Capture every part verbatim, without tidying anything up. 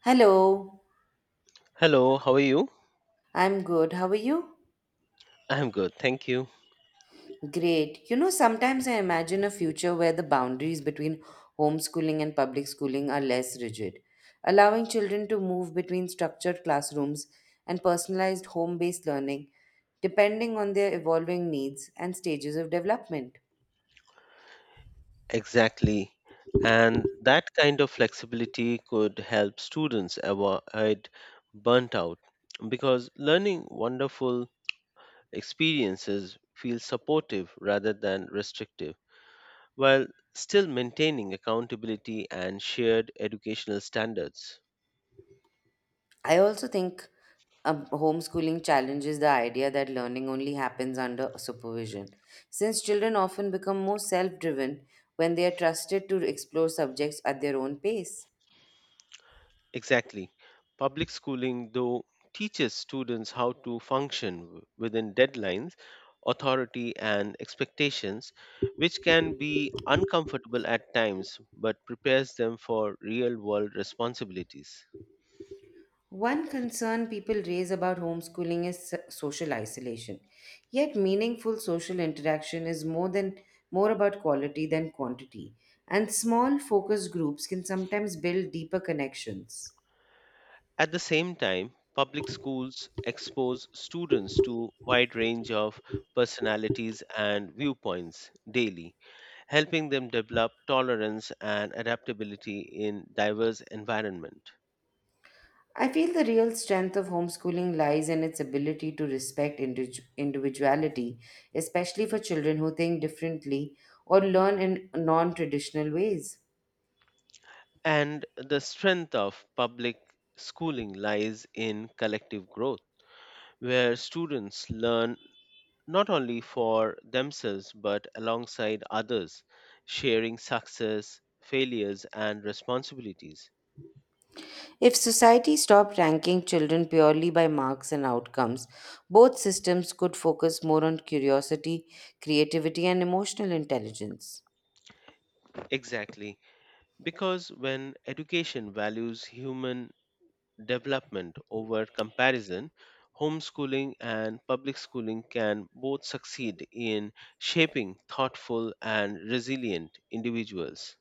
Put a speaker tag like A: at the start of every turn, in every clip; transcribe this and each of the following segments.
A: Hello,
B: Hello, how are you?
A: I'm good. How are you?
B: I'm good, thank you.
A: Great. You know, sometimes I imagine a future where the boundaries between homeschooling and public schooling are less rigid, allowing children to move between structured classrooms and personalized home based learning depending on their evolving needs and stages of development.
B: Exactly. And that kind of flexibility could help students avoid burnt out because learning wonderful experiences feels supportive rather than restrictive while still maintaining accountability and shared educational standards.
A: I also think um, homeschooling challenges the idea that learning only happens under supervision, since children often become more self driven when they are trusted to explore subjects at their own pace.
B: Exactly. Public schooling, though, teaches students how to function w- within deadlines, authority, and expectations, which can be uncomfortable at times but prepares them for real world responsibilities.
A: One concern people raise about homeschooling is so- social isolation. Yet meaningful social interaction is more than more about quality than quantity, and small focus groups can sometimes build deeper connections.
B: At the same time, public schools expose students to wide range of personalities and viewpoints daily, helping them develop tolerance and adaptability in diverse environment.
A: I feel the real strength of homeschooling lies in its ability to respect individu- individuality, especially for children who think differently or learn in non traditional ways.
B: And the strength of public schooling lies in collective growth, where students learn not only for themselves but alongside others, sharing success, failures, and responsibilities.
A: If society stopped ranking children purely by marks and outcomes, both systems could focus more on curiosity, creativity, and emotional intelligence.
B: Exactly, because when education values human development over comparison, homeschooling and public schooling can both succeed in shaping thoughtful and resilient individuals.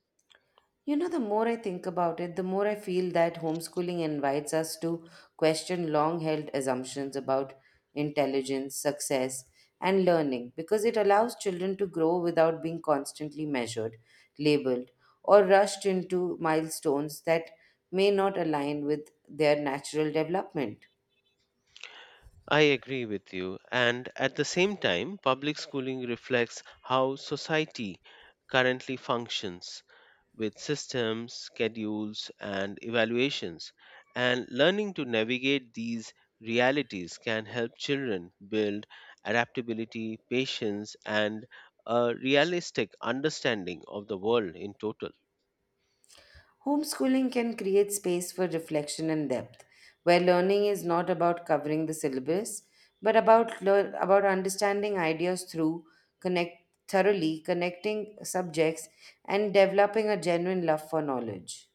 A: You know, the more I think about it, the more I feel that homeschooling invites us to question long held assumptions about intelligence, success, and learning because it allows children to grow without being constantly measured, labeled, or rushed into milestones that may not align with their natural development.
B: I agree with you. And at the same time, public schooling reflects how society currently functions with systems, schedules, and evaluations. And learning to navigate these realities can help children build adaptability, patience, and a realistic understanding of the world in total.
A: Homeschooling can create space for reflection and depth, where learning is not about covering the syllabus, but about lear- about understanding ideas through connect thoroughly connecting subjects and developing a genuine love for knowledge.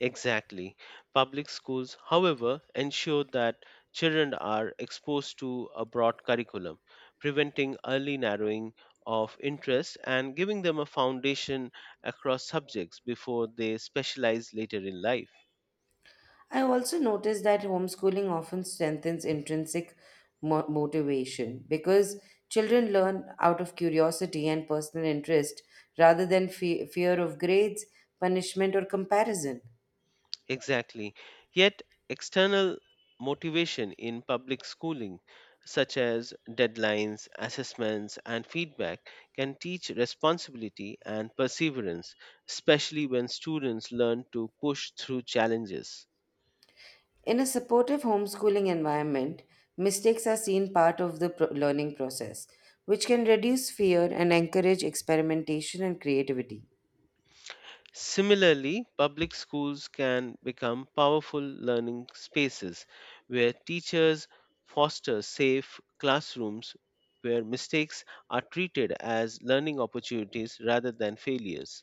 B: Exactly. Public schools, however, ensure that children are exposed to a broad curriculum, preventing early narrowing of interest and giving them a foundation across subjects before they specialize later in life.
A: I also noticed that homeschooling often strengthens intrinsic mo- motivation because children learn out of curiosity and personal interest rather than fe- fear of grades, punishment, or comparison.
B: Exactly. Yet, external motivation in public schooling, such as deadlines, assessments, and feedback, can teach responsibility and perseverance, especially when students learn to push through challenges.
A: In a supportive homeschooling environment, mistakes are seen part of the pro- learning process, which can reduce fear and encourage experimentation and creativity.
B: Similarly, public schools can become powerful learning spaces where teachers foster safe classrooms where mistakes are treated as learning opportunities rather than failures.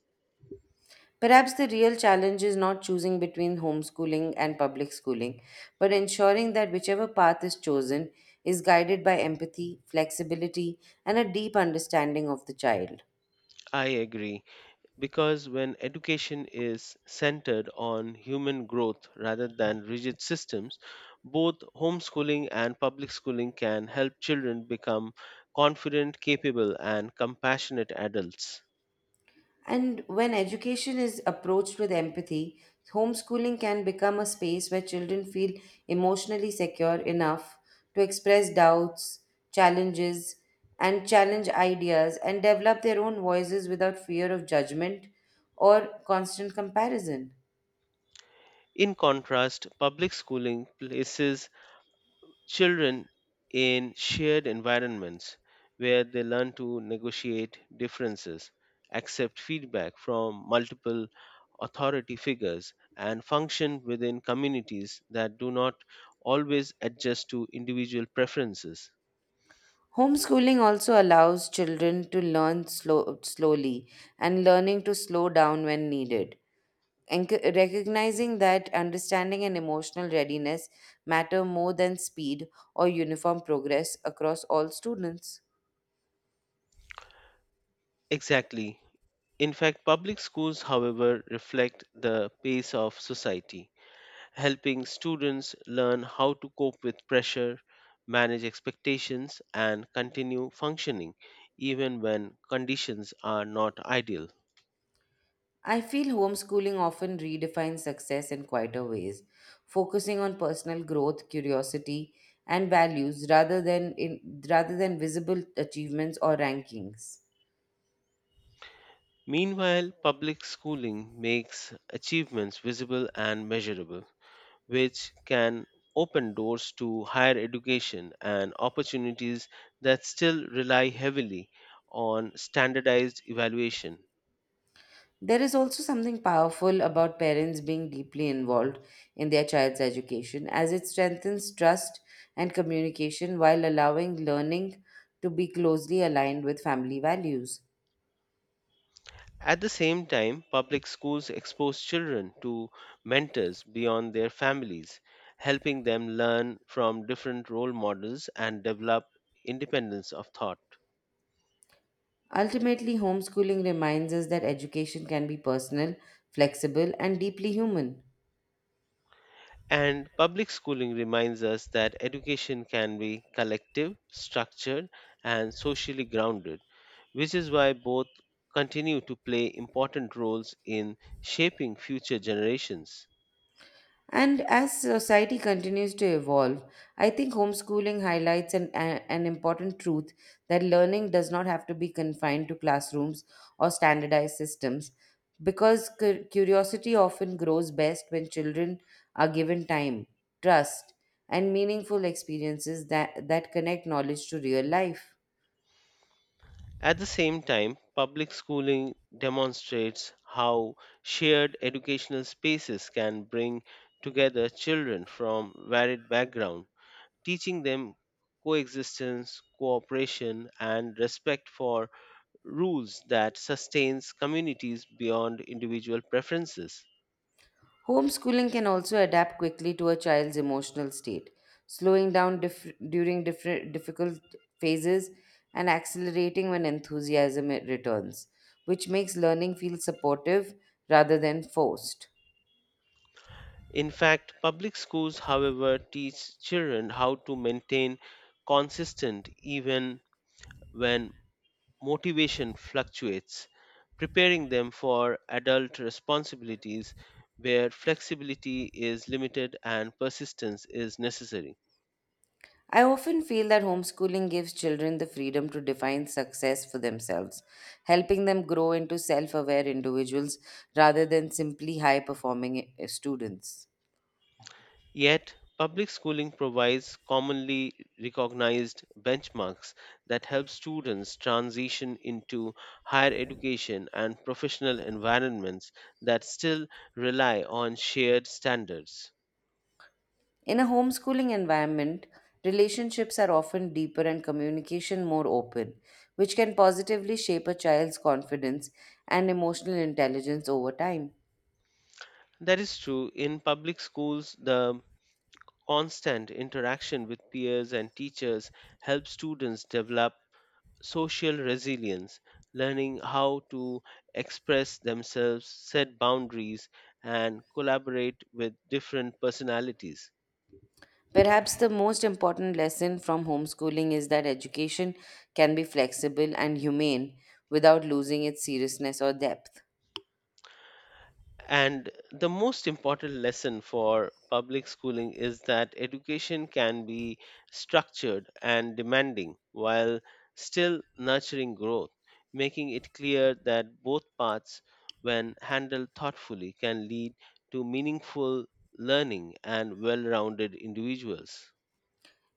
A: Perhaps the real challenge is not choosing between homeschooling and public schooling, but ensuring that whichever path is chosen is guided by empathy, flexibility, and a deep understanding of the child.
B: I agree, because when education is centered on human growth rather than rigid systems, both homeschooling and public schooling can help children become confident, capable, and compassionate adults.
A: And when education is approached with empathy, homeschooling can become a space where children feel emotionally secure enough to express doubts, challenges, and challenge ideas and develop their own voices without fear of judgment or constant comparison.
B: In contrast, public schooling places children in shared environments where they learn to negotiate differences, accept feedback from multiple authority figures, and function within communities that do not always adjust to individual preferences.
A: Homeschooling also allows children to learn slow, slowly and learning to slow down when needed, Enc- recognizing that understanding and emotional readiness matter more than speed or uniform progress across all students.
B: Exactly. In fact, public schools, however, reflect the pace of society helping students learn how to cope with pressure, manage expectations, and continue functioning even when conditions are not ideal.
A: I feel homeschooling often redefines success in quieter ways, focusing on personal growth, curiosity, and values rather than in, rather than visible achievements or rankings.
B: Meanwhile, public schooling makes achievements visible and measurable, which can open doors to higher education and opportunities that still rely heavily on standardized evaluation.
A: There is also something powerful about parents being deeply involved in their child's education as it strengthens trust and communication while allowing learning to be closely aligned with family values.
B: At the same time, public schools expose children to mentors beyond their families, helping them learn from different role models and develop independence of thought.
A: Ultimately, homeschooling reminds us that education can be personal, flexible, and deeply human.
B: And public schooling reminds us that education can be collective, structured, and socially grounded, which is why both continue to play important roles in shaping future generations.
A: And as society continues to evolve, I think homeschooling highlights an, a- an important truth that learning does not have to be confined to classrooms or standardized systems because cu- curiosity often grows best when children are given time, trust, and meaningful experiences that, that connect knowledge to real life.
B: At the same time, public schooling demonstrates how shared educational spaces can bring together children from varied backgrounds, teaching them coexistence, cooperation, and respect for rules that sustains communities beyond individual preferences.
A: Homeschooling can also adapt quickly to a child's emotional state, slowing down dif- during different difficult phases and accelerating when enthusiasm it returns, which makes learning feel supportive rather than forced.
B: In fact, public schools, however, teach children how to maintain consistent even when motivation fluctuates, preparing them for adult responsibilities where flexibility is limited and persistence is necessary.
A: I often feel that homeschooling gives children the freedom to define success for themselves, helping them grow into self aware individuals rather than simply high performing students.
B: Yet, public schooling provides commonly recognized benchmarks that help students transition into higher education and professional environments that still rely on shared standards.
A: In a homeschooling environment, relationships are often deeper and communication more open, which can positively shape a child's confidence and emotional intelligence over time.
B: That is true. In public schools, the constant interaction with peers and teachers helps students develop social resilience, learning how to express themselves, set boundaries, and collaborate with different personalities.
A: Perhaps the most important lesson from homeschooling is that education can be flexible and humane without losing its seriousness or depth.
B: And the most important lesson for public schooling is that education can be structured and demanding while still nurturing growth, making it clear that both paths, when handled thoughtfully, can lead to meaningful learning and well rounded individuals.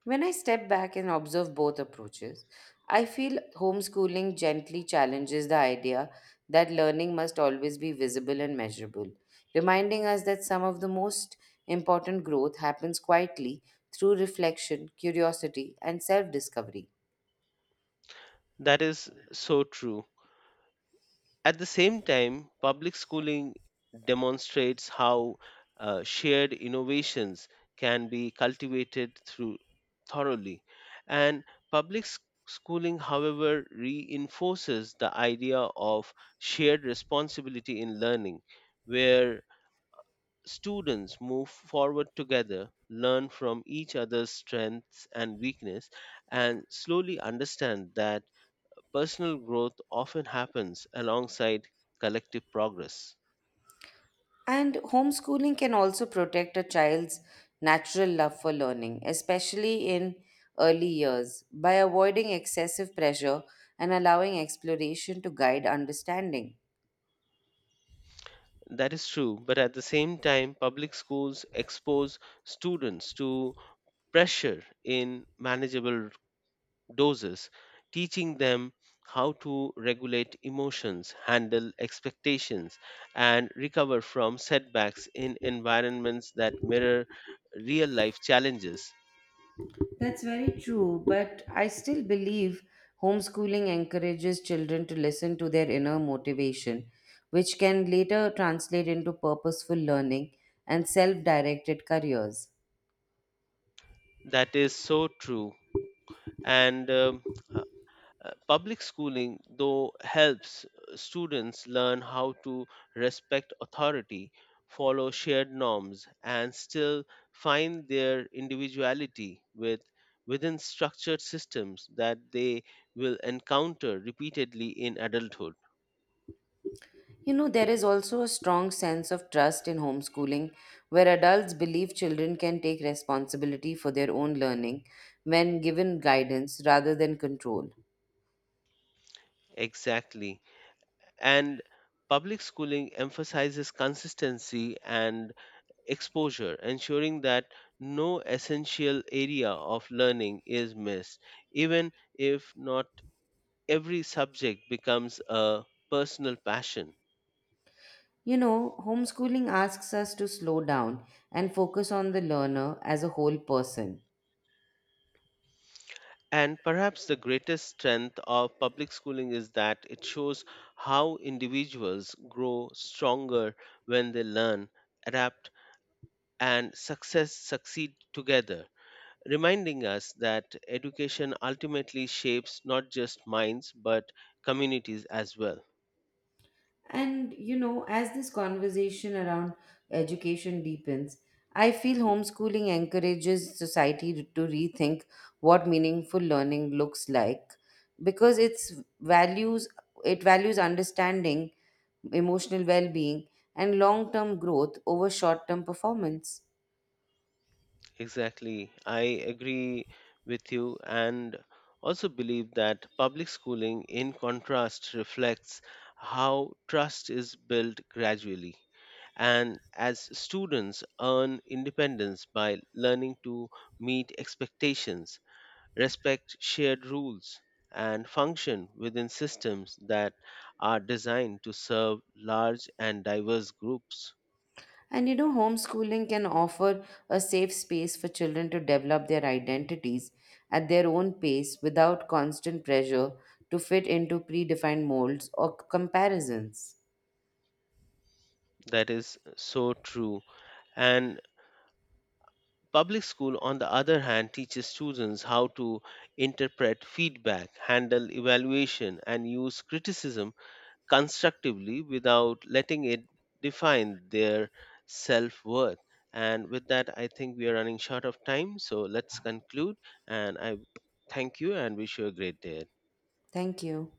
A: When I step back and observe both approaches, I feel homeschooling gently challenges the idea that learning must always be visible and measurable, reminding us that some of the most important growth happens quietly through reflection, curiosity, and self discovery.
B: That is so true. At the same time, public schooling demonstrates how uh, shared innovations can be cultivated through thoroughly. And public s- schooling, however, reinforces the idea of shared responsibility in learning, where students move forward together, learn from each other's strengths and weakness, and slowly understand that personal growth often happens alongside collective progress.
A: And homeschooling can also protect a child's natural love for learning, especially in early years, by avoiding excessive pressure and allowing exploration to guide understanding.
B: That is true, but at the same time, public schools expose students to pressure in manageable doses, teaching them how to regulate emotions, handle expectations, and recover from setbacks in environments that mirror real life challenges.
A: That's very true, but I still believe homeschooling encourages children to listen to their inner motivation, which can later translate into purposeful learning and self directed careers.
B: That is so true. And um, Uh, public schooling, though, helps uh, students learn how to respect authority, follow shared norms, and still find their individuality with, within structured systems that they will encounter repeatedly in adulthood.
A: You know, there is also a strong sense of trust in homeschooling where adults believe children can take responsibility for their own learning when given guidance rather than control.
B: Exactly. And public schooling emphasizes consistency and exposure, ensuring that no essential area of learning is missed, even if not every subject becomes a personal passion.
A: You know, homeschooling asks us to slow down and focus on the learner as a whole person.
B: And perhaps the greatest strength of public schooling is that it shows how individuals grow stronger when they learn, adapt, and success succeed together, reminding us that education ultimately shapes not just minds but communities as well.
A: And you know, as this conversation around education deepens, I feel homeschooling encourages society to rethink what meaningful learning looks like because it's values it values understanding, emotional well-being, and long-term growth over short-term performance.
B: Exactly. I agree with you and also believe that public schooling, in contrast, reflects how trust is built gradually. And as students earn independence by learning to meet expectations, respect shared rules, and function within systems that are designed to serve large and diverse groups.
A: And you know, homeschooling can offer a safe space for children to develop their identities at their own pace without constant pressure to fit into predefined molds or comparisons.
B: That is so true. And public school, on the other hand, teaches students how to interpret feedback, handle evaluation, and use criticism constructively without letting it define their self worth. And with that, I think we are running short of time. So let's conclude. And I thank you and wish you a great day.
A: Thank you.